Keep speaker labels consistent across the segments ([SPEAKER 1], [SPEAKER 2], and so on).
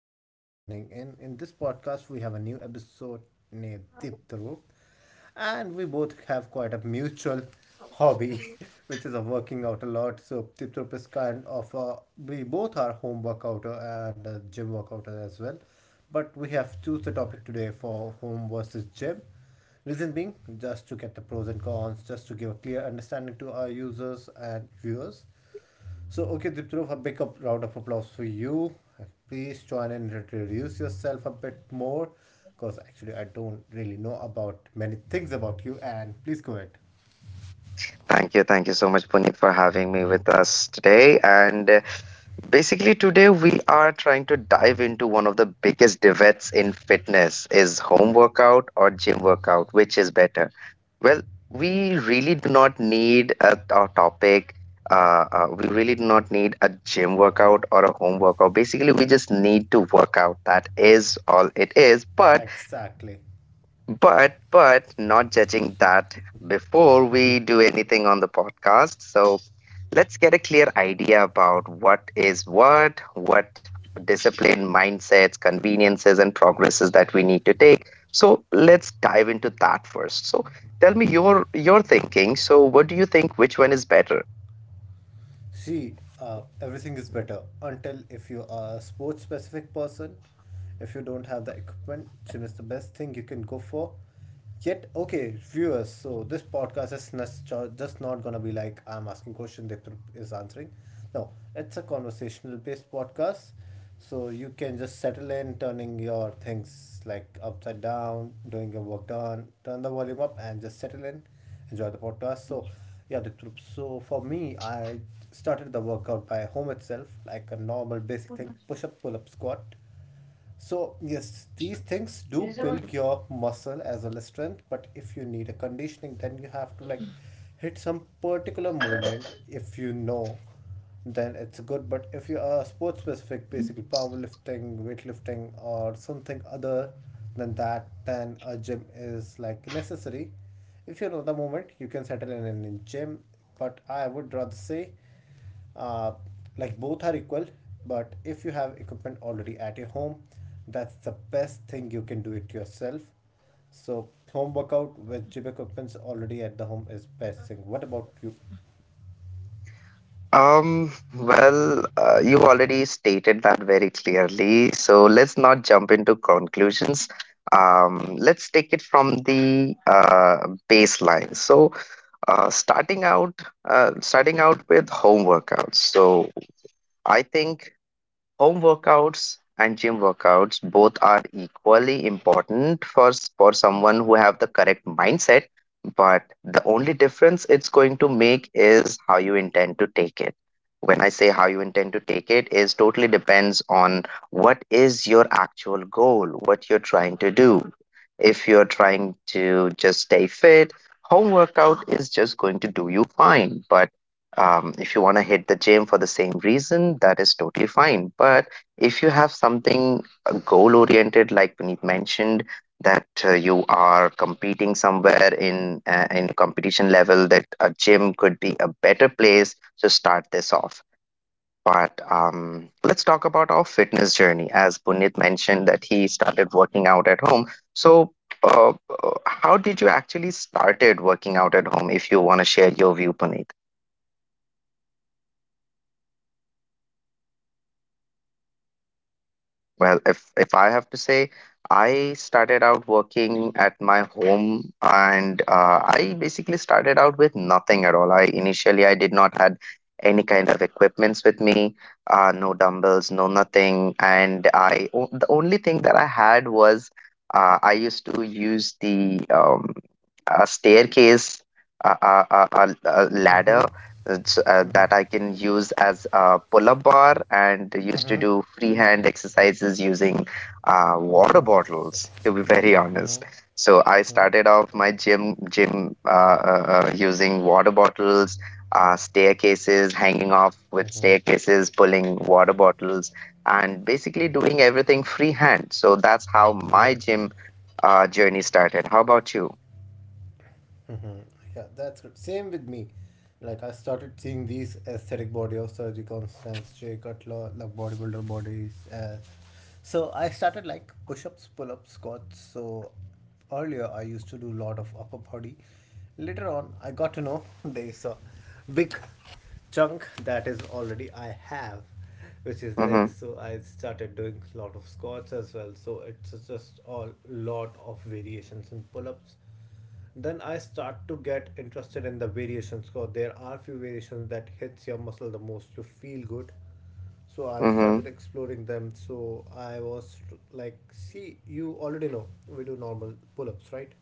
[SPEAKER 1] Thank you for joining in. In this podcast, we have a new episode named Diptaro, and we both have quite a mutual hobby, which is a working out a lot. So Diptaro is kind of we both are home workouter and a gym workouter as well, but we have choose the topic today for home versus gym. Reason being, just to get the pros and cons, just to give a clear understanding to our users and viewers. So, okay, Dipthrof, a big up, round of applause for you. Please join and introduce yourself a bit more because actually I don't really know about many things about you. And please go ahead.
[SPEAKER 2] Thank you. Thank you so much, Puneet, for having me with us today. And basically, today we are trying to dive into one of the biggest debates in fitness is home workout or gym workout, which is better? Well, we really do not need a topic. We really do not need a gym workout or a home workout. Basically, we just need to work out. That is all it is. But
[SPEAKER 1] Exactly.
[SPEAKER 2] but but not judging that, before we do anything on the podcast, so let's get a clear idea about what is what discipline, mindsets, conveniences and progresses that we need to take. So let's dive into that first. So tell me your thinking. So what do you think, which one is better?
[SPEAKER 1] See, everything is better until if you are a sports specific person, if you don't have the equipment, gym is the best thing you can go for. Yet, okay, viewers, so this podcast is just not going to be like I'm asking question, Dipti is answering. No, it's a conversational based podcast. So you can just settle in, turning your things like upside down, doing your work done, turn the volume up and just settle in, enjoy the podcast. So, yeah, Dipti, so for me, I started the workout by home itself, like a normal basic thing push up, pull up, squat so, yes, these things do build your muscle as well as strength, but if you need a conditioning, then you have to like hit some particular movement. If you know, then it's good. But if you are sports specific, basically powerlifting, weightlifting, or something other than that, then a gym is like necessary. If you know the movement, you can settle in a gym, but I would rather say uh, like both are equal, but if you have equipment already at your home, that's the best thing you can do it yourself. So home workout with gym equipment already at the home is best thing. What about you?
[SPEAKER 2] You already stated that very clearly, so let's not jump into conclusions. Let's take it from the baseline. So, uh, starting out, starting out with home workouts. So, I think home workouts and gym workouts both are equally important for for someone who have the correct mindset, but the only difference it's going to make is how you intend to take it. When I say how you intend to take it, is totally depends on what is your actual goal, what you're trying to do. If you're trying to just stay fit, home workout is just going to do you fine. But if you want to hit the gym for the same reason, that is totally fine. But if you have something goal oriented, like Puneet mentioned, that you are competing somewhere in competition level, that a gym could be a better place to start this off. But let's talk about our fitness journey. As Puneet mentioned, that he started working out at home. So, uh, how did you actually started working out at home? If you want to share your view, Puneet. Well, if I have to say, I started out working at my home, and I basically started out with nothing at all. I initially I did not had any kind of equipments with me, no dumbbells, no nothing, and the only thing that I had was I used to use the a staircase, a
[SPEAKER 1] Mm-hmm.
[SPEAKER 2] ladder that's,
[SPEAKER 1] Mm-hmm.
[SPEAKER 2] that I can use as a pull up bar and used to
[SPEAKER 1] Mm-hmm.
[SPEAKER 2] do freehand exercises using water
[SPEAKER 1] Mm-hmm.
[SPEAKER 2] bottles, to be very honest. So I
[SPEAKER 1] Mm-hmm.
[SPEAKER 2] started off my gym using water bottles. Staircases, hanging off with
[SPEAKER 1] Mm-hmm.
[SPEAKER 2] staircases, pulling water bottles, and basically doing everything freehand. So that's how my
[SPEAKER 1] Yep.
[SPEAKER 2] gym journey started. How about you?
[SPEAKER 1] Hmm. Yeah, that's good. Same with me. Like I started seeing these aesthetic body of Sergi Constance, Jay Cutler, like bodybuilder bodies. So I started like push-ups, pull-ups, squats. So earlier I used to do a lot of upper body. Later on, I got to know there's a big chunk that is already I have, which is legs.
[SPEAKER 2] Mm-hmm.
[SPEAKER 1] So I started doing a lot of squats as well. So it's just all lot of variations in pull-ups then I start to get interested in the variations so there are few variations that hits your muscle the most you feel good so I
[SPEAKER 2] Mm-hmm.
[SPEAKER 1] started exploring them so I was like see you already know we do normal pull-ups right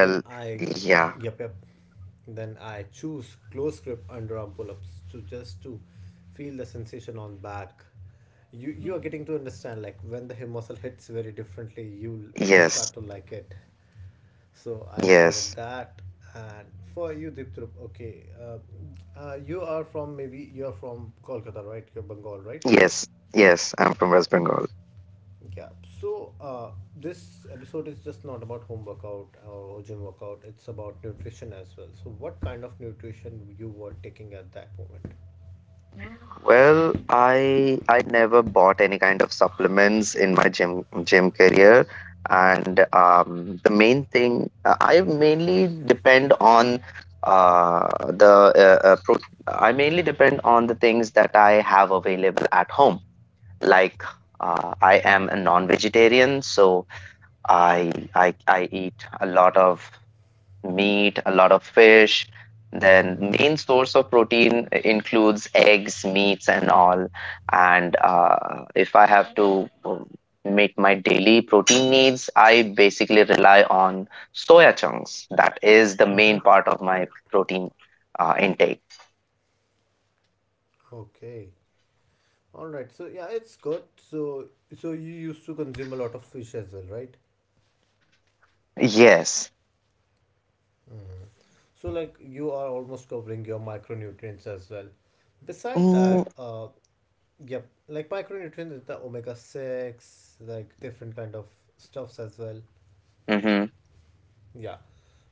[SPEAKER 1] then I
[SPEAKER 2] yeah,
[SPEAKER 1] yep, yep, then I choose close grip underarm pull-ups to just to feel the sensation on back you are getting to understand like when the hip muscle hits very differently you
[SPEAKER 2] yes,
[SPEAKER 1] start to like it so I started
[SPEAKER 2] yes,
[SPEAKER 1] that. And for you, Diptrup, okay, you are from maybe you are from Kolkata, right? You're Bengal, right?
[SPEAKER 2] yes, yes. I'm from West Bengal.
[SPEAKER 1] Yeah. So this episode is just not about home workout or gym workout. It's about nutrition as well. So what kind of nutrition you were taking at that moment?
[SPEAKER 2] Well, I never bought any kind of supplements in my gym career, and the main thing I mainly depend on the pro I mainly depend on the things that I have available at home. Like I am a non-vegetarian, so I eat a lot of meat, a lot of fish. Then
[SPEAKER 1] Mm-hmm.
[SPEAKER 2] main source of protein includes eggs, meats, and all. And if I have to meet my daily protein needs, I basically rely on soya chunks. That is the
[SPEAKER 1] Mm-hmm.
[SPEAKER 2] main part of my protein intake.
[SPEAKER 1] Okay. All right. So yeah, it's good. So so you used to consume a lot of fish as well, right?
[SPEAKER 2] Yes.
[SPEAKER 1] Mm. So, like, you are almost covering your micronutrients as well. Beside
[SPEAKER 2] Mm-hmm.
[SPEAKER 1] that, yep, like micronutrients is the omega six, like different kind of stuffs as well. Yeah.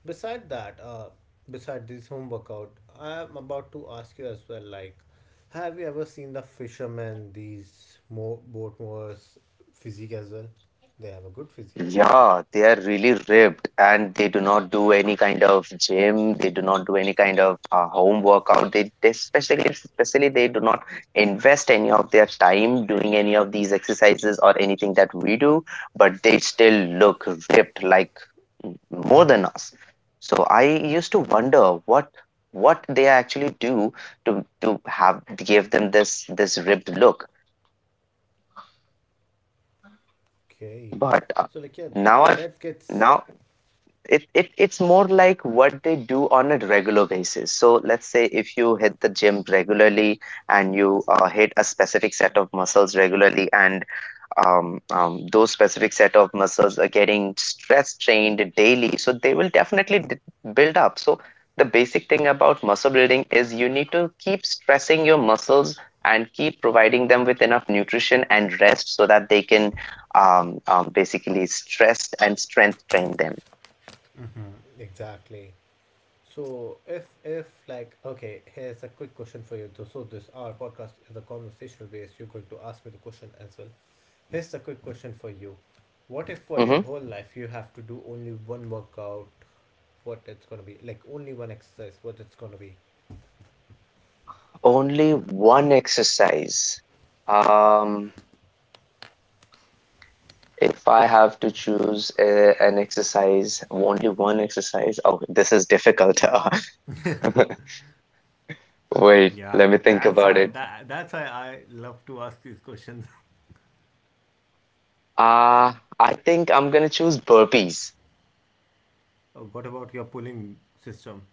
[SPEAKER 1] Beside that, beside this home workout, I am about to ask you as well. Like, have you ever seen the fishermen, these more boat mowers, physique as well? They have a good physique.
[SPEAKER 2] Yeah, they are really ripped and they do not do any kind of gym, they do not do any kind of home workout. They, they especially they do not invest any of their time doing any of these exercises or anything that we do, but they still look ripped like more
[SPEAKER 1] Hmm.
[SPEAKER 2] than us. So I used to wonder what they actually do to have give them this ripped look.
[SPEAKER 1] Okay.
[SPEAKER 2] But
[SPEAKER 1] So, like, yeah,
[SPEAKER 2] now I've
[SPEAKER 1] that gets
[SPEAKER 2] now it, it's more like what they do on a regular basis. So let's say if you hit the gym regularly and you hit a specific set of muscles regularly, and those specific set of muscles are getting stress trained daily, so they will definitely build up. So the basic thing about muscle building is you need to keep stressing your muscles and keep providing them with enough nutrition and rest so that they can basically stress and strength train them.
[SPEAKER 1] exactly. So if like okay, here's a quick question for you. Though. So this our podcast is a conversational base. You're going to ask me the question as well. Here's a quick question for you. What if for your
[SPEAKER 2] Mm-hmm.
[SPEAKER 1] whole life you have to do only one workout? What it's gonna be like only one exercise? What it's gonna be?
[SPEAKER 2] Only one exercise. Um, if I have to choose an exercise, only one exercise. Oh, this is difficult. Wait,
[SPEAKER 1] Yeah,
[SPEAKER 2] let me think
[SPEAKER 1] that's
[SPEAKER 2] about
[SPEAKER 1] why
[SPEAKER 2] it.
[SPEAKER 1] that that's why I love to ask these questions.
[SPEAKER 2] Uh, I think I'm gonna choose burpees.
[SPEAKER 1] What about your pulling system?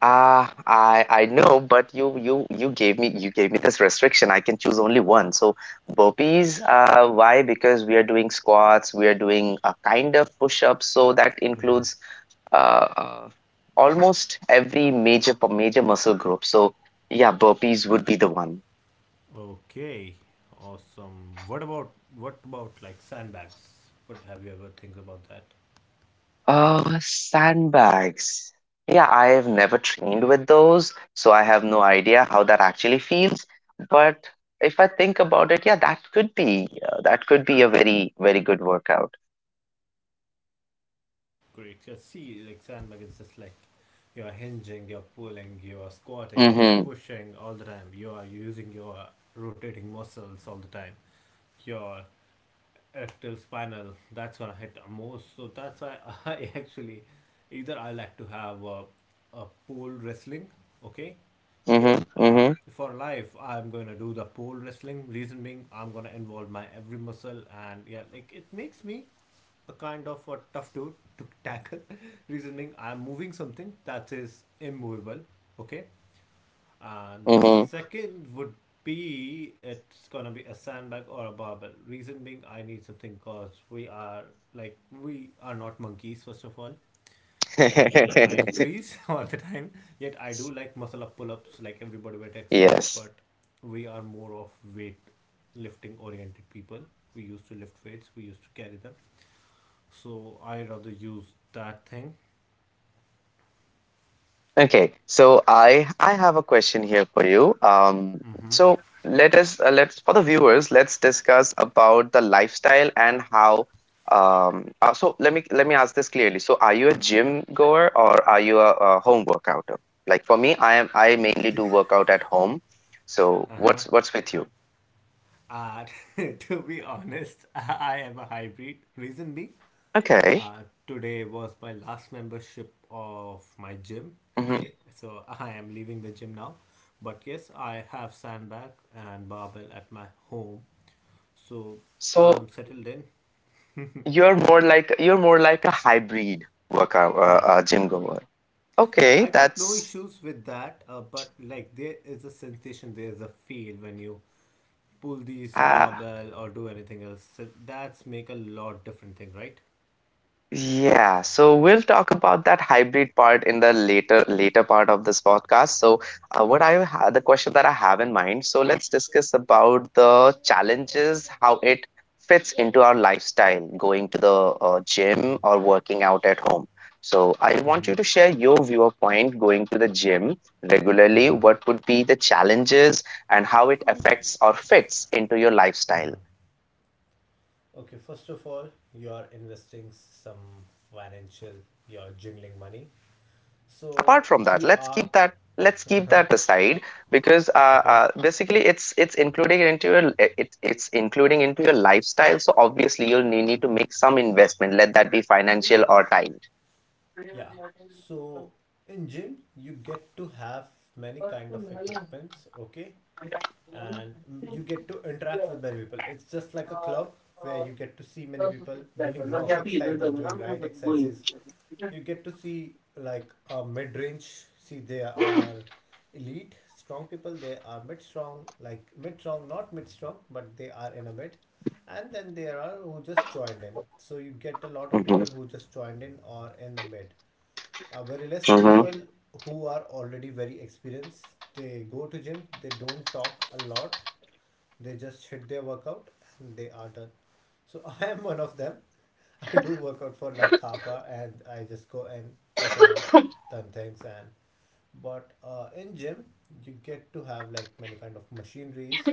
[SPEAKER 2] I know, but you gave me this restriction. I can choose only one. So burpees. Why? Because we are doing squats. We are doing a kind of push-ups. So that includes uh, uh, almost every major muscle group. So yeah, burpees would be the one.
[SPEAKER 1] Okay, awesome. What about like sandbags? What have you ever think about that?
[SPEAKER 2] Sandbags. Yeah, I have never trained with those, so I have no idea how that actually feels. But if I think about it, yeah, that could be a very good workout.
[SPEAKER 1] Great. Your sea, like sandbag, is just like you're hinging, you're pulling, you're squatting, you're
[SPEAKER 2] Mm-hmm.
[SPEAKER 1] pushing all the time. You are using your rotating muscles all the time. Your erectile spinal that's gonna hit most. So that's why I actually either I like to have a pole wrestling, okay.
[SPEAKER 2] Mm-hmm.
[SPEAKER 1] Uh,
[SPEAKER 2] Mm-hmm.
[SPEAKER 1] for life, I'm gonna do the pole wrestling. Reason being, I'm gonna involve my every muscle, and yeah, like it makes me a kind of a tough dude to tackle. Reason being, I'm moving something that is immovable. Okay, and the second would be it's gonna be a sandbag or a barbell. Reason being, I need something because we are like we are not monkeys. First of all, we don't climb
[SPEAKER 2] Mm-hmm.
[SPEAKER 1] trees all the time. Yet I do like muscle up pull ups, like everybody weight exercise,
[SPEAKER 2] Yes.
[SPEAKER 1] but we are more of weight lifting oriented people. We used to lift weights. We used to carry them so I rather use that thing.
[SPEAKER 2] Okay, so I have a question here for you. So let us let's, for the viewers, let's discuss about the lifestyle and how. Let me ask this clearly. So are you a gym goer or are you a home workouter? Like for me, I mainly do workout at home. So
[SPEAKER 1] Uh huh.
[SPEAKER 2] what's with you?
[SPEAKER 1] And to be honest, I am a hybrid. Reason being,
[SPEAKER 2] Okay.
[SPEAKER 1] today was my last membership of my gym.
[SPEAKER 2] Hmm.
[SPEAKER 1] Okay, so I am leaving the gym now. But yes, I have sandbag and barbell at my home, so I'm
[SPEAKER 2] So
[SPEAKER 1] settled in.
[SPEAKER 2] you're more like a hybrid workout
[SPEAKER 1] yeah
[SPEAKER 2] gym goer.
[SPEAKER 1] yeah,
[SPEAKER 2] Okay,
[SPEAKER 1] I got no
[SPEAKER 2] that's.
[SPEAKER 1] issues with that but like there is a sensation there's a feel when you pull these
[SPEAKER 2] Uh,
[SPEAKER 1] barbell or do anything else. So that's make a lot different thing, right?
[SPEAKER 2] Yeah, so we'll talk about that hybrid part in the later part of this podcast. So, what I ha the question that I have in mind. So let's discuss about the challenges, how it fits into our lifestyle, going to the gym
[SPEAKER 1] Mm-hmm.
[SPEAKER 2] or working out at home. So I want
[SPEAKER 1] Mm-hmm.
[SPEAKER 2] you to share your viewpoint going to the gym regularly.
[SPEAKER 1] Mm-hmm.
[SPEAKER 2] What would be the challenges and how it affects or fits into your lifestyle?
[SPEAKER 1] Mm-hmm. Okay, first of all, you are investing some financial, you're jingling money. So
[SPEAKER 2] Apart from that,
[SPEAKER 1] you are
[SPEAKER 2] let's keep that aside because
[SPEAKER 1] okay.
[SPEAKER 2] basically it's including into your it's including into your lifestyle. So obviously you'll need to
[SPEAKER 1] Mm-hmm.
[SPEAKER 2] make some investment, let that be financial
[SPEAKER 1] Yep.
[SPEAKER 2] or time.
[SPEAKER 1] Yeah. So in gym, you get to have many kind of equipments. Okay, and you get to interact with many people. It's just like a club where you get to see many people doing wrong exercises, doing right exercises, you get to see like a mid range. See, they are elite, strong people. They are mid strong, like mid strong, not mid strong, but they are in a mid. And then there are who just joined in. So you get a lot of
[SPEAKER 2] Hmm.
[SPEAKER 1] people who just joined in or in the mid. Very less
[SPEAKER 2] Hmm.
[SPEAKER 1] people who are already very experienced. They go to gym. They don't talk a lot they just hit their workout and they are done. So I am one of them. I do workout for like half hour and I just go and push an hour, done things and but in gym you get to have like many kind of machineries.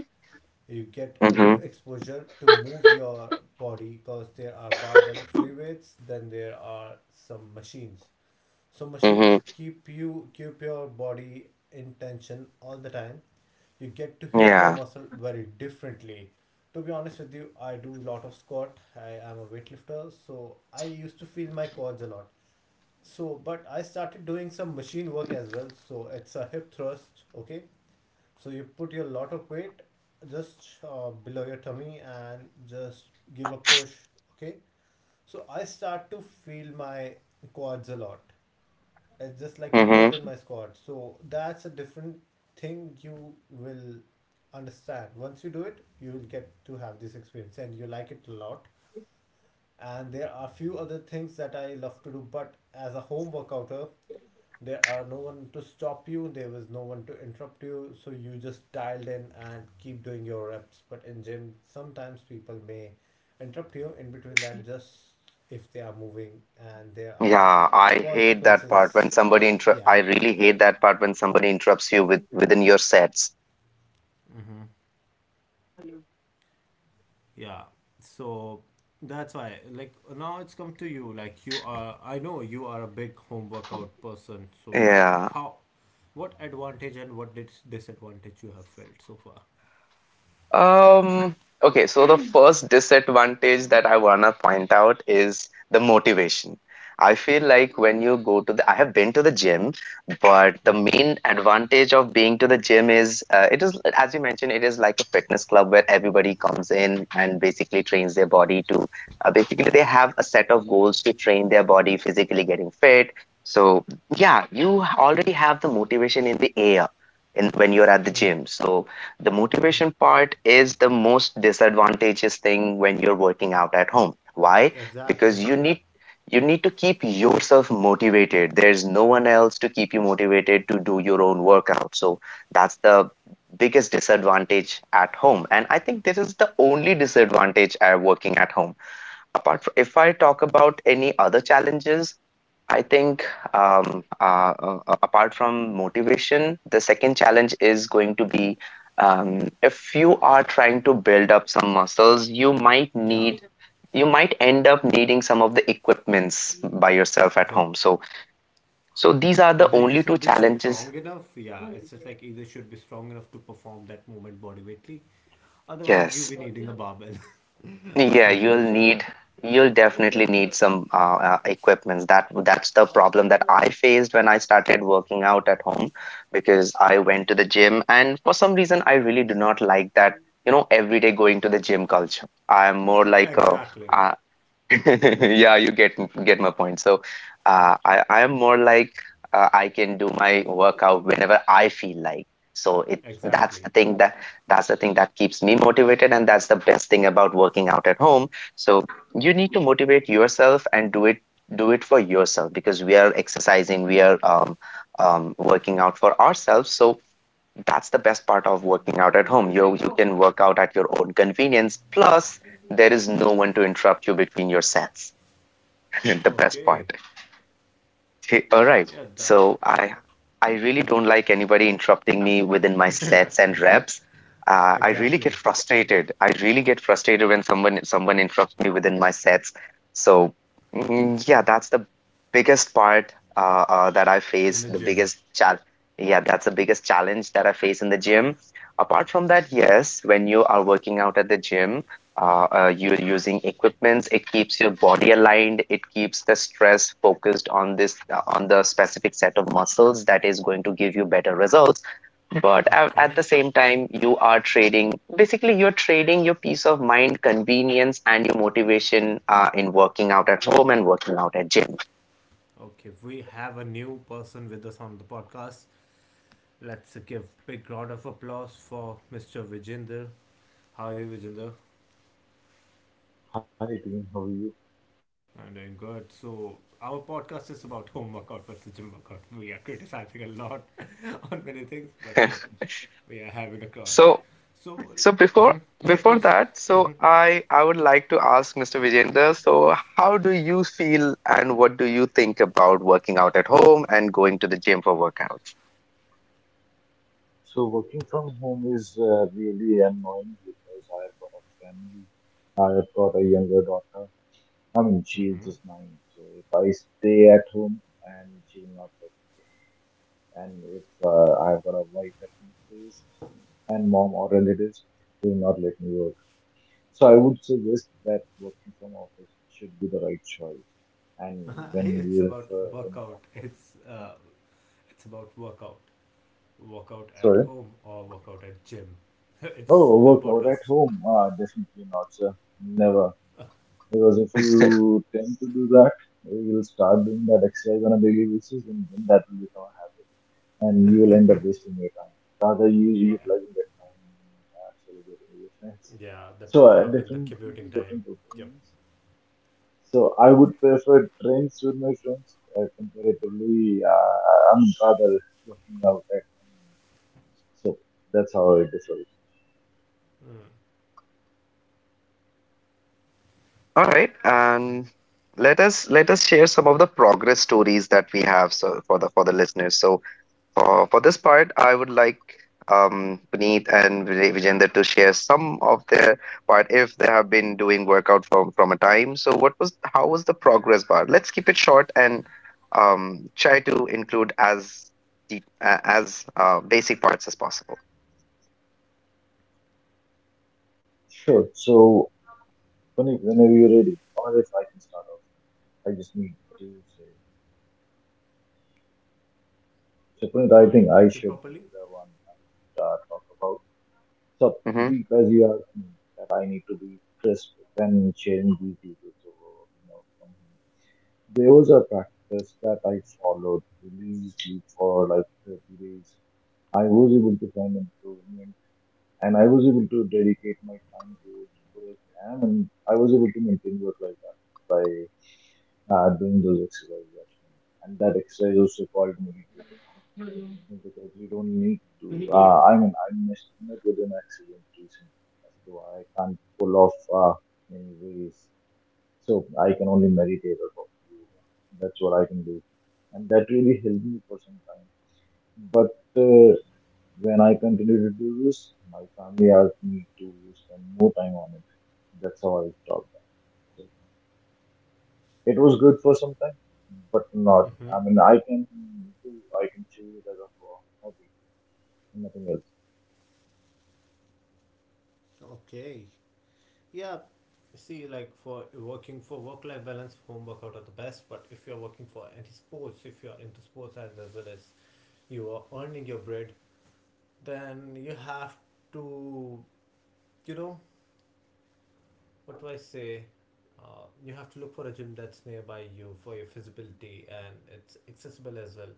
[SPEAKER 1] You get a new
[SPEAKER 2] Hmm.
[SPEAKER 1] exposure to move your body because there are barbell free weights, then there are some machines so
[SPEAKER 2] Hmm.
[SPEAKER 1] machines keep your body in tension all the time. You get to hit your
[SPEAKER 2] Yeah.
[SPEAKER 1] muscle very differently. To be honest with you, I do a lot of squat. I am a weightlifter, so I used to feel my quads a lot. So, but I started doing some machine work as well. So it's a hip thrust. Okay, so you put your lot of weight just below your tummy and just give a push. Okay, so I start to feel my quads a lot it's just like more
[SPEAKER 2] Hmm.
[SPEAKER 1] than my squad. So that's a different thing you will understand. Once you do it, you will get to have this experience and you like it a lot. And there are few other things that I love to do, but as a home workouter, there are no one to stop you, there was no one to interrupt you, so you just dialed in and keep doing your reps. But in gym, sometimes people may interrupt you in between that just if they are moving and there are
[SPEAKER 2] Yeah, I hate that part when
[SPEAKER 1] consequences. Yeah,
[SPEAKER 2] I really hate that part when somebody interrupts you with within your sets.
[SPEAKER 1] mm-hmm. Yeah. So that's why, like, now it's come to you. Like, you are, I know you are a big home workout person. So, what,
[SPEAKER 2] Yeah.
[SPEAKER 1] how, what advantage and what disadvantage you have felt so far?
[SPEAKER 2] Um, okay, so the first disadvantage that I wanna point out is the motivation. I feel like when you go to the, I have been to the gym, but the
[SPEAKER 1] Mm-hmm.
[SPEAKER 2] main advantage of being to the gym is it is, as you mentioned, it is like a fitness club where everybody comes in and basically trains their body to, basically they have a set of goals to train their body physically getting fit. So yeah, you already have the motivation in the air in when you're at the gym. So the
[SPEAKER 1] Mm-hmm.
[SPEAKER 2] motivation part is the most disadvantageous thing when you're working out at home. Why? Because
[SPEAKER 1] Exactly.
[SPEAKER 2] you need to keep yourself motivated. There's no one else to keep you motivated to do your own workout. So that's the biggest disadvantage at home. And I think this is the only disadvantage I working at home. Apart from if I talk about any other challenges, I think apart from motivation, the second challenge is going to be if you are trying to build up some muscles, you might
[SPEAKER 1] Yeah.
[SPEAKER 2] need you might end up needing some of the equipments by yourself at
[SPEAKER 1] Yep.
[SPEAKER 2] home. So so these are the
[SPEAKER 1] Either you
[SPEAKER 2] only two
[SPEAKER 1] should be
[SPEAKER 2] challenges.
[SPEAKER 1] strong enough. Yeah. It's just like either should be strong enough to perform that movement body weightly. Otherwise, you'll
[SPEAKER 2] Yes.
[SPEAKER 1] be needing a barbell or
[SPEAKER 2] Yeah,
[SPEAKER 1] something
[SPEAKER 2] you'll
[SPEAKER 1] machine.
[SPEAKER 2] need you'll definitely need some equipments. That's the problem that I faced when I started working out at home because I went to the gym and for some reason I really do not like that, you know, every day going to the gym culture. I'm more like
[SPEAKER 1] Exactly.
[SPEAKER 2] a, yeah, you get my point. So, I am more like I can do my workout whenever I feel like. So it
[SPEAKER 1] Exactly.
[SPEAKER 2] that's the thing that keeps me motivated, and that's the best thing about working out at home. So you need to motivate yourself and do it for yourself because we are exercising, we are working out for ourselves. So that's the best part of working out at home. You can work out at your own convenience. Plus, there is no one to interrupt you between your sets. The best
[SPEAKER 1] Okay.
[SPEAKER 2] part. Hey, all right.
[SPEAKER 1] Yeah, that.
[SPEAKER 2] So I really don't like anybody interrupting me within my sets and reps. I really get
[SPEAKER 1] Exactly.
[SPEAKER 2] frustrated. I really get frustrated when someone interrupts me within my sets. So yeah, that's the biggest part that I
[SPEAKER 1] In
[SPEAKER 2] face.
[SPEAKER 1] the
[SPEAKER 2] The
[SPEAKER 1] gym.
[SPEAKER 2] biggest challenge. Yeah, that's the biggest challenge that I face in the gym. Apart from that, yes, when you are working out at the gym, you're using equipments, it keeps your body aligned, it keeps the stress focused on this on the specific set of muscles that is going to give you better results. But at
[SPEAKER 1] Okay.
[SPEAKER 2] the same time you are trading, basically you're trading your peace of mind, convenience and your motivation in working out at home and working out at gym.
[SPEAKER 1] Okay. We have a new person with us on the podcast. Let's give big round of applause for Mr. Vijinder. How are you, Vijinder?
[SPEAKER 3] Hi team, how are you?
[SPEAKER 1] I'm doing good. So our podcast is about home workout versus gym workout. We are criticizing a lot on many things, but yeah, we are having a class.
[SPEAKER 2] so
[SPEAKER 1] So
[SPEAKER 2] So
[SPEAKER 1] mhm.
[SPEAKER 2] before
[SPEAKER 1] Yeah, please.
[SPEAKER 2] before that, so I would like to ask Mr. Vijender, so how do you feel and what do you think about working out at home and going to the gym for workouts?
[SPEAKER 3] So working from home is really annoying because I've got a family. I've got a younger daughter. I mean, she is
[SPEAKER 1] Hmm.
[SPEAKER 3] just nine. So if I stay at home, and she will not live. And if I've got a wife at my place, and mom or relatives, they will not let me work. So I would suggest that working from office should be the right choice. And
[SPEAKER 1] It's about
[SPEAKER 3] when we
[SPEAKER 1] workout.
[SPEAKER 3] talk about, it,
[SPEAKER 1] It's about workout. Workout at
[SPEAKER 3] sorry.
[SPEAKER 1] home or workout at gym. It's
[SPEAKER 3] Oh,
[SPEAKER 1] the
[SPEAKER 3] workout at
[SPEAKER 1] podcast.
[SPEAKER 3] home? Definitely not, sir. Never. Because if you tend to do that, you'll start doing that exercise on a daily basis, and then that will become a habit, and you will end up wasting your time. Rather, you
[SPEAKER 1] Yeah.
[SPEAKER 3] utilizing that time in celebrating with your friends.
[SPEAKER 1] Yeah, the
[SPEAKER 3] So,
[SPEAKER 1] traveling, the
[SPEAKER 3] different
[SPEAKER 1] commuting
[SPEAKER 3] people,
[SPEAKER 1] time.
[SPEAKER 3] different
[SPEAKER 1] Yep.
[SPEAKER 3] opinions. So, I would prefer drinks with my friends comparatively. I'm rather working out at home. So, that's how I differ.
[SPEAKER 1] Mm.
[SPEAKER 2] All right,
[SPEAKER 1] Okay.
[SPEAKER 2] and let us share some of the progress stories that we have so for the listeners. So for this part, I would like Puneet and Vijender to share some of their part if they have been doing workout from a time. So what was how was the progress bar? Let's keep it short and try to include as deep as basic parts as possible.
[SPEAKER 3] Sure. So, Puneet, whenever you're ready, or if I can start off, I just need to say. So, Puneet, I
[SPEAKER 1] So I
[SPEAKER 3] think
[SPEAKER 1] didn't
[SPEAKER 3] I
[SPEAKER 1] get you
[SPEAKER 3] should be
[SPEAKER 1] properly.
[SPEAKER 3] the one that talk about. So,
[SPEAKER 2] hmm
[SPEAKER 3] Deep, as you asked me, that I need to be crisp when sharing these details over, you know, from him. There was a practice that I followed religiously for like 30 days. I was able to find improvement and I was able to dedicate my time to work and I was able to maintain work life balance by doing those exercises at home. And that exercise also called meditation because you don't need to. I mean, I missed met with an accident recently, so I can't pull off many ways. So I can only meditate or probably yoga. That's what I can do, and that really helped me for some time. But when I continued to do this, my family asked me to spend more time on it. That's how I stopped. That. So it was good for some time, but not.
[SPEAKER 1] Mm-hmm.
[SPEAKER 3] I mean, I can choose it as a hobby and nothing else.
[SPEAKER 1] Okay. Yeah. See, like for working for work life balance, home workout are the best. But if you're working for any sports, if you're into sports as well as you are earning your bread, then you have to, you know, what do I say? You have to look for a gym that's nearby you for your feasibility and it's accessible as well.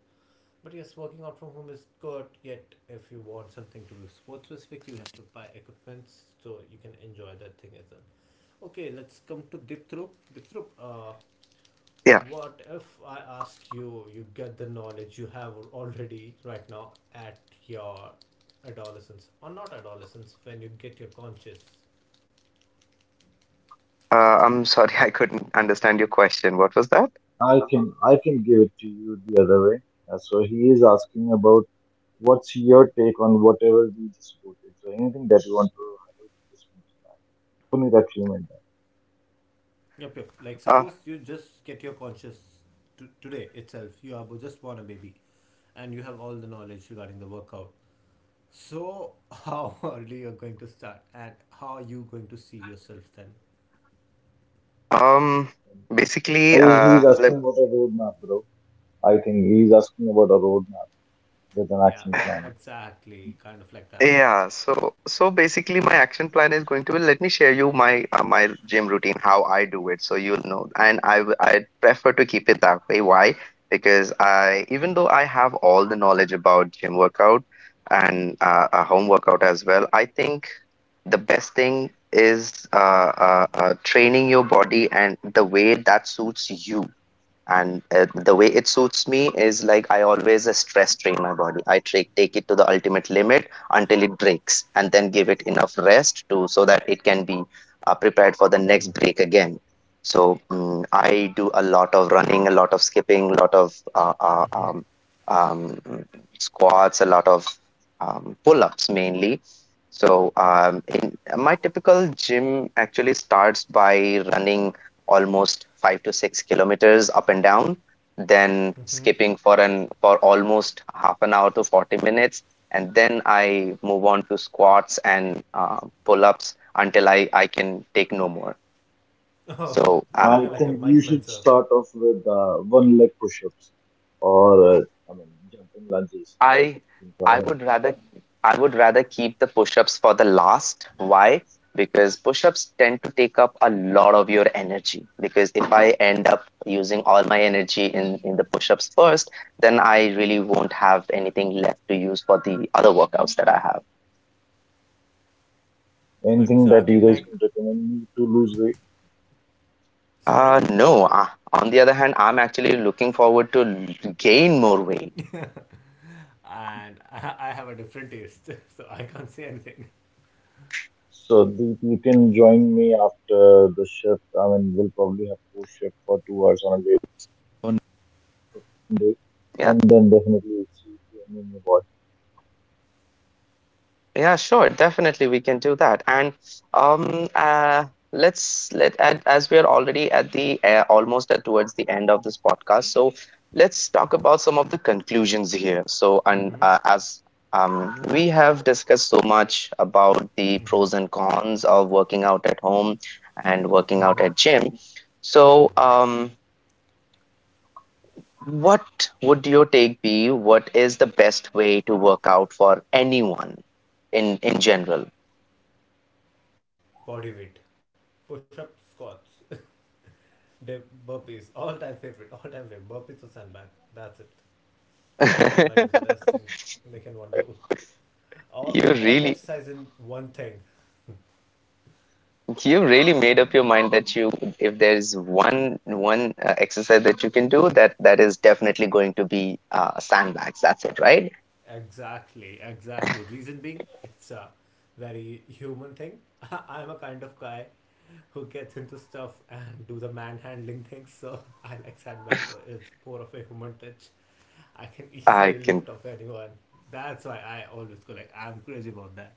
[SPEAKER 1] But yes, working out from home is good. Yet, if you want something to do sports specific, you have to buy equipment so you can enjoy that thing as well. Okay, let's come to Diptrup. Diptrup,
[SPEAKER 2] Yeah,
[SPEAKER 1] what if I asked you? You get the knowledge you have already right now at your adolescence, or not adolescence, when you get your conscious.
[SPEAKER 2] I'm sorry. I couldn't understand your question. What was that?
[SPEAKER 3] I can give it to you the other way. So he is asking about what's your take on whatever we just quoted. So anything that you want to highlight, just mention that. Only that you meant that.
[SPEAKER 1] Yep, yep. Like
[SPEAKER 2] Uh,
[SPEAKER 1] suppose you just get your conscious to today itself. Just born a baby, and you have all the knowledge regarding the workout. So how early you're going to start, and how are you going to see yourself then?
[SPEAKER 2] Um, basically,
[SPEAKER 3] And He's asking about a roadmap, bro. I think he's asking about a roadmap, with an
[SPEAKER 1] Yeah,
[SPEAKER 3] action plan.
[SPEAKER 1] exactly. Kind of like that.
[SPEAKER 2] yeah. So, so basically, my action plan is going to be, let me share you my my gym routine, how I do it, so you'll know. And I prefer to keep it that way. Why? Because I, even though I have all the knowledge about gym workout and a home workout as well, I think the best thing is training your body and the way that suits you, and the way it suits me is like, I always stress train my body. I take it to the ultimate limit until it breaks, and then give it enough rest to so that it can be prepared for the next break again. So I do a lot of running, a lot of skipping, a lot of
[SPEAKER 1] Mm-hmm.
[SPEAKER 2] um, squats, a lot of pull-ups mainly. So in my typical gym actually starts by running almost five to six kilometers up and down, then
[SPEAKER 1] Mm-hmm.
[SPEAKER 2] skipping for an for almost half an hour to 40 minutes, and then I move on to squats and pull ups until I can take no more.
[SPEAKER 1] Oh.
[SPEAKER 2] So
[SPEAKER 3] I
[SPEAKER 1] Like
[SPEAKER 3] think
[SPEAKER 1] a
[SPEAKER 3] you
[SPEAKER 1] Mike
[SPEAKER 3] should
[SPEAKER 1] Mentor.
[SPEAKER 3] start off with one leg push-ups or I mean jumping lunges.
[SPEAKER 2] I
[SPEAKER 3] You can try
[SPEAKER 2] I would rather, keep the push-ups for the last. Why? Because push-ups tend to take up a lot of your energy. Because if I end up using all my energy in, the push-ups first, then I really won't have anything left to use for the other workouts that I have.
[SPEAKER 3] that. Anything that you
[SPEAKER 1] Exactly
[SPEAKER 3] guys can
[SPEAKER 1] like.
[SPEAKER 3] recommend me to lose weight.
[SPEAKER 1] Sorry.
[SPEAKER 2] No. On the other hand, I'm actually looking forward to gain more weight.
[SPEAKER 1] And I have a different taste, so I can't say anything.
[SPEAKER 3] So Deep, you can join me after the shift. I mean, we'll probably have four shift for 2 hours on a day, one day, and then
[SPEAKER 2] Yeah.
[SPEAKER 3] definitely it's gain in your body.
[SPEAKER 2] Yeah, sure. Definitely, we can do that. And um, uh, let's let and as we are already at the almost at, towards the end of this podcast. So let's talk about some of the conclusions here. So and
[SPEAKER 1] Mm-hmm.
[SPEAKER 2] as we have discussed so much about the pros
[SPEAKER 1] Mm-hmm.
[SPEAKER 2] and cons of working out at home and working out
[SPEAKER 1] Mm-hmm.
[SPEAKER 2] at gym. So
[SPEAKER 1] Mm-hmm.
[SPEAKER 2] what would your take be? What is the best way to work out for anyone in general?
[SPEAKER 1] Body weight, push up squats, dip, burpees, all time favorite, burpees or sandbag. That's it. Sandbag is the best thing they can one do. All,
[SPEAKER 2] You
[SPEAKER 1] all the
[SPEAKER 2] really,
[SPEAKER 1] exercise in one thing.
[SPEAKER 2] you really made up your mind that you, if there's one exercise that you can do, that is definitely going to be sandbags. That's it, right?
[SPEAKER 1] Exactly, exactly. Reason being, it's a very human thing. I'm a kind of guy who gets into stuff and do the manhandling things, so I like sandbag. It's more of a human touch. I can
[SPEAKER 2] I
[SPEAKER 1] easily
[SPEAKER 2] can
[SPEAKER 1] lift off anyone. That's why I always go like I'm crazy about that.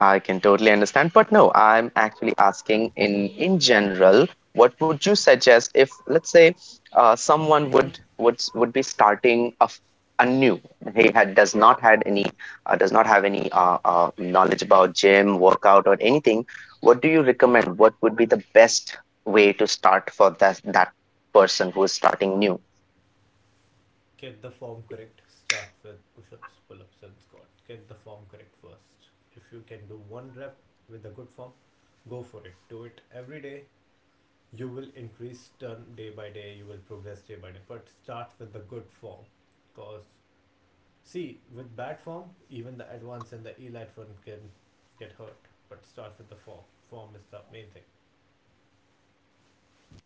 [SPEAKER 2] I can totally understand, but no, I'm actually asking in general. What would you suggest if, let's say, someone would be starting a new. He had does not had any does not have any knowledge about gym, workout, or anything. What do you recommend? What would be the best way to start for that person who is starting new?
[SPEAKER 1] Get the form correct. Start with push ups, pull ups, and squat. Get the form correct first. If you can do one rep with a good form, go for it. Do it every day. You will increase turn day by day, you will progress day by day. But start with the good form. Because, see, with bad form, even the advanced and the elite one can get hurt. But start with the form. Form is the main thing.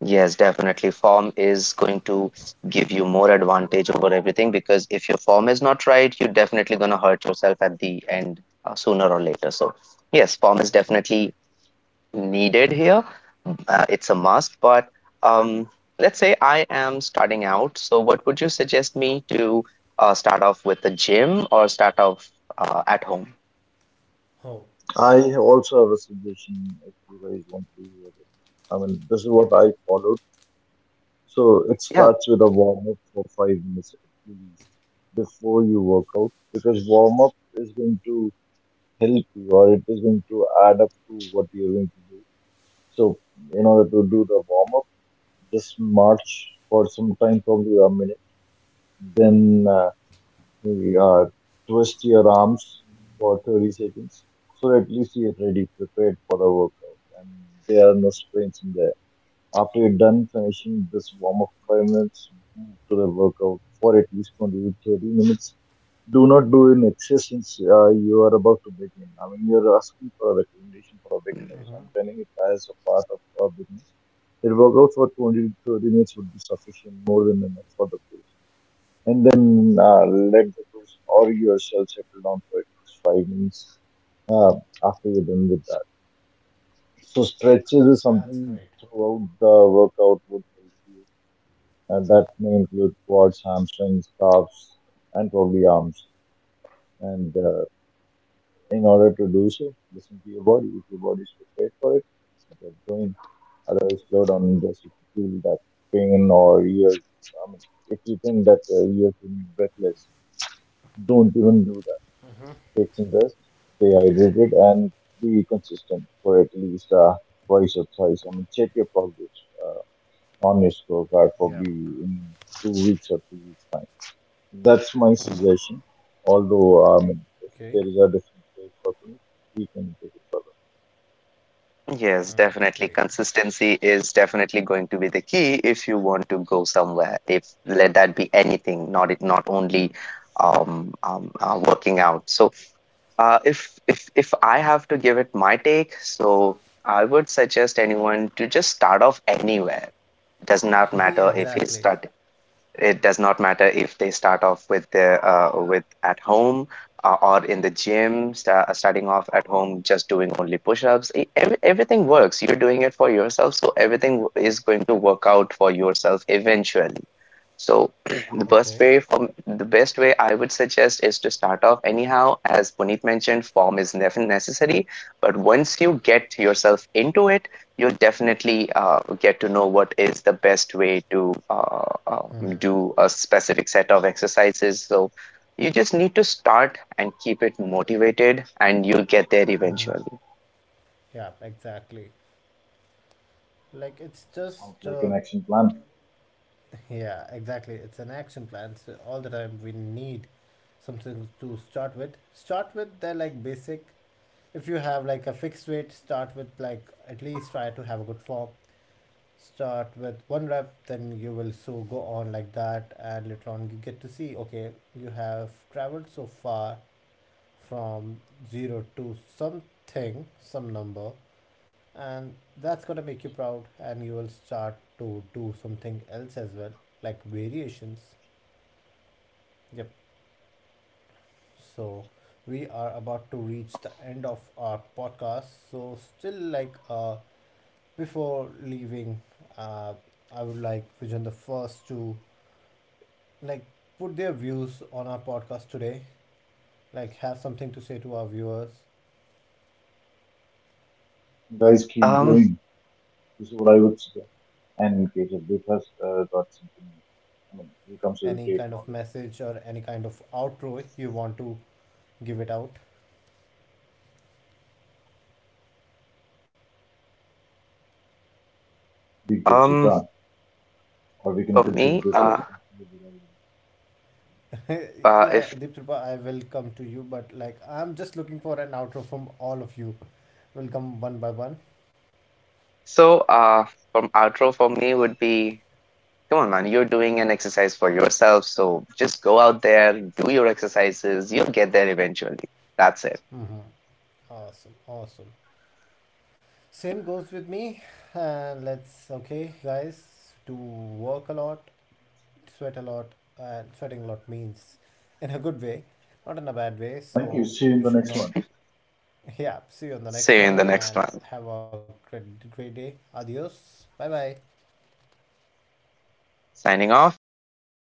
[SPEAKER 2] Yes, definitely. Form is going to give you more advantage over everything, because if your form is not right, you're definitely going to hurt yourself at the end sooner or later. So, yes, form is
[SPEAKER 1] Mm-hmm.
[SPEAKER 2] definitely needed here. It's a must. But um, let's say I am starting out. So, what would you suggest me to start off with the gym or start off at home?
[SPEAKER 1] Oh,
[SPEAKER 3] I also have a suggestion if you guys want to hear it. I mean, this is what
[SPEAKER 1] yep, yep.
[SPEAKER 3] I follow. So it
[SPEAKER 2] Yeah.
[SPEAKER 3] starts with a warm up for 5 minutes at least before you work out because warm up is going to help you or it is going to add up to what you're going to do. So in order to do the warm up, just march for some time, probably a minute, then you, uh, twist your arms for 30 seconds. So at least you're ready, prepared for the workout, and there are no sprains in there. After you're done finishing this warm up for 5 minutes, move to the workout for at least 20 to 30 minutes. Do not do in excess since you are about to begin. I mean, you're asking for a recommendation for a beginner. So
[SPEAKER 1] Mm-hmm.
[SPEAKER 3] I'm telling it as a part of a beginner. The workout for 20 to 30 minutes would be sufficient, more than enough for the person. And then
[SPEAKER 1] Mm-hmm.
[SPEAKER 3] uh, let the person or yourself settle down for at least 5 minutes uh, after you're done with that. So stretches is
[SPEAKER 1] That's
[SPEAKER 3] something
[SPEAKER 1] great.
[SPEAKER 3] throughout the workout would help you, and that may include quads, hamstrings, calves, and probably arms. And in order to do so, listen to your body. If your body is prepared for it, get going. Otherwise, slow down and just if you feel that pain or you're, I mean, if you think that you're feeling breathless, don't even do that.
[SPEAKER 1] Mm-hmm.
[SPEAKER 3] Take some rest, stay hydrated, and be consistent for at least twice or thrice. I mean, check your progress uh, on honest workout
[SPEAKER 1] Yeah.
[SPEAKER 3] probably in 2 weeks or 3 weeks time. That's my
[SPEAKER 1] Mm-hmm.
[SPEAKER 3] suggestion. Although I mean, if
[SPEAKER 1] Okay.
[SPEAKER 3] there is a different way for it, we can take it.
[SPEAKER 2] Yes, definitely.
[SPEAKER 1] Great.
[SPEAKER 2] Consistency is definitely going to be the key if you want to go somewhere. If let that be anything, not it, not only working out. So, if I have to give it my take, so I would suggest anyone to just start off anywhere. Does not
[SPEAKER 1] Yeah,
[SPEAKER 2] matter if he's
[SPEAKER 1] exactly.
[SPEAKER 2] starting, it does not matter if they start off with the with at home or in the gym, starting off at home just doing only push-ups. Every, everything works. You're doing it for yourself, so everything is going to work out for yourself eventually. So the best
[SPEAKER 1] Okay.
[SPEAKER 2] way, I would suggest is to start off anyhow. As Puneet mentioned, form is never necessary, but once you get yourself into it, you'll definitely get to know what is the best way to
[SPEAKER 1] Hmm.
[SPEAKER 2] do a specific set of exercises. So you just need to start and keep it motivated, and you'll get there
[SPEAKER 1] Uh-huh.
[SPEAKER 2] eventually.
[SPEAKER 1] Yeah, exactly. Like it's
[SPEAKER 3] Sounds
[SPEAKER 1] just
[SPEAKER 3] like an action plan.
[SPEAKER 1] Yeah, exactly. It's an action plan. So all the time we need something to start with. Start with the like basic. If you have like a fixed weight, start with like at least try to have a good form. Start with one rep, then you will so go on like that, and later on you get to see okay, you have traveled so far from zero to something, some number, and that's gonna make you proud and you will start to do something else as well, like variations. Yep. So we are about to reach the end of our podcast, so still like before leaving, uh I would like vision the first to, like, put their views on our podcast today, like have something to say to our viewers.
[SPEAKER 3] Guys, keep
[SPEAKER 2] Um,
[SPEAKER 3] going. This is what I would suggest. And KJ Deep has got something. I mean, he comes with
[SPEAKER 1] Any
[SPEAKER 3] great
[SPEAKER 1] kind of
[SPEAKER 3] knowledge.
[SPEAKER 1] message or any kind of outro if you want to give it out.
[SPEAKER 3] Deep it's
[SPEAKER 2] um,
[SPEAKER 3] return, or we can
[SPEAKER 2] for
[SPEAKER 3] consider
[SPEAKER 2] me,
[SPEAKER 3] this as.
[SPEAKER 1] Yeah,
[SPEAKER 2] if
[SPEAKER 1] Deep Tripa, I will come to you, but like I'm just looking for an outro from all of you. We'll come one by one.
[SPEAKER 2] so, from outro for me would be, come on, man, you're doing an exercise for yourself, so just go out there, do your exercises, you'll get there eventually. That's it.
[SPEAKER 1] Mm-hmm. Awesome, awesome. Same goes with me. And let's, okay, guys, to work a lot, sweat a lot, and sweating a lot means in a good way, not in a bad way.
[SPEAKER 3] Thank you.
[SPEAKER 1] So
[SPEAKER 3] See you in the
[SPEAKER 1] you
[SPEAKER 3] next
[SPEAKER 1] should
[SPEAKER 3] one.
[SPEAKER 1] not. Yeah, see you on the
[SPEAKER 2] See you
[SPEAKER 1] next
[SPEAKER 2] in the
[SPEAKER 1] one,
[SPEAKER 2] next
[SPEAKER 1] and
[SPEAKER 2] one.
[SPEAKER 1] have a great, great day. Adios. Bye bye.
[SPEAKER 2] Signing off. Bye bye.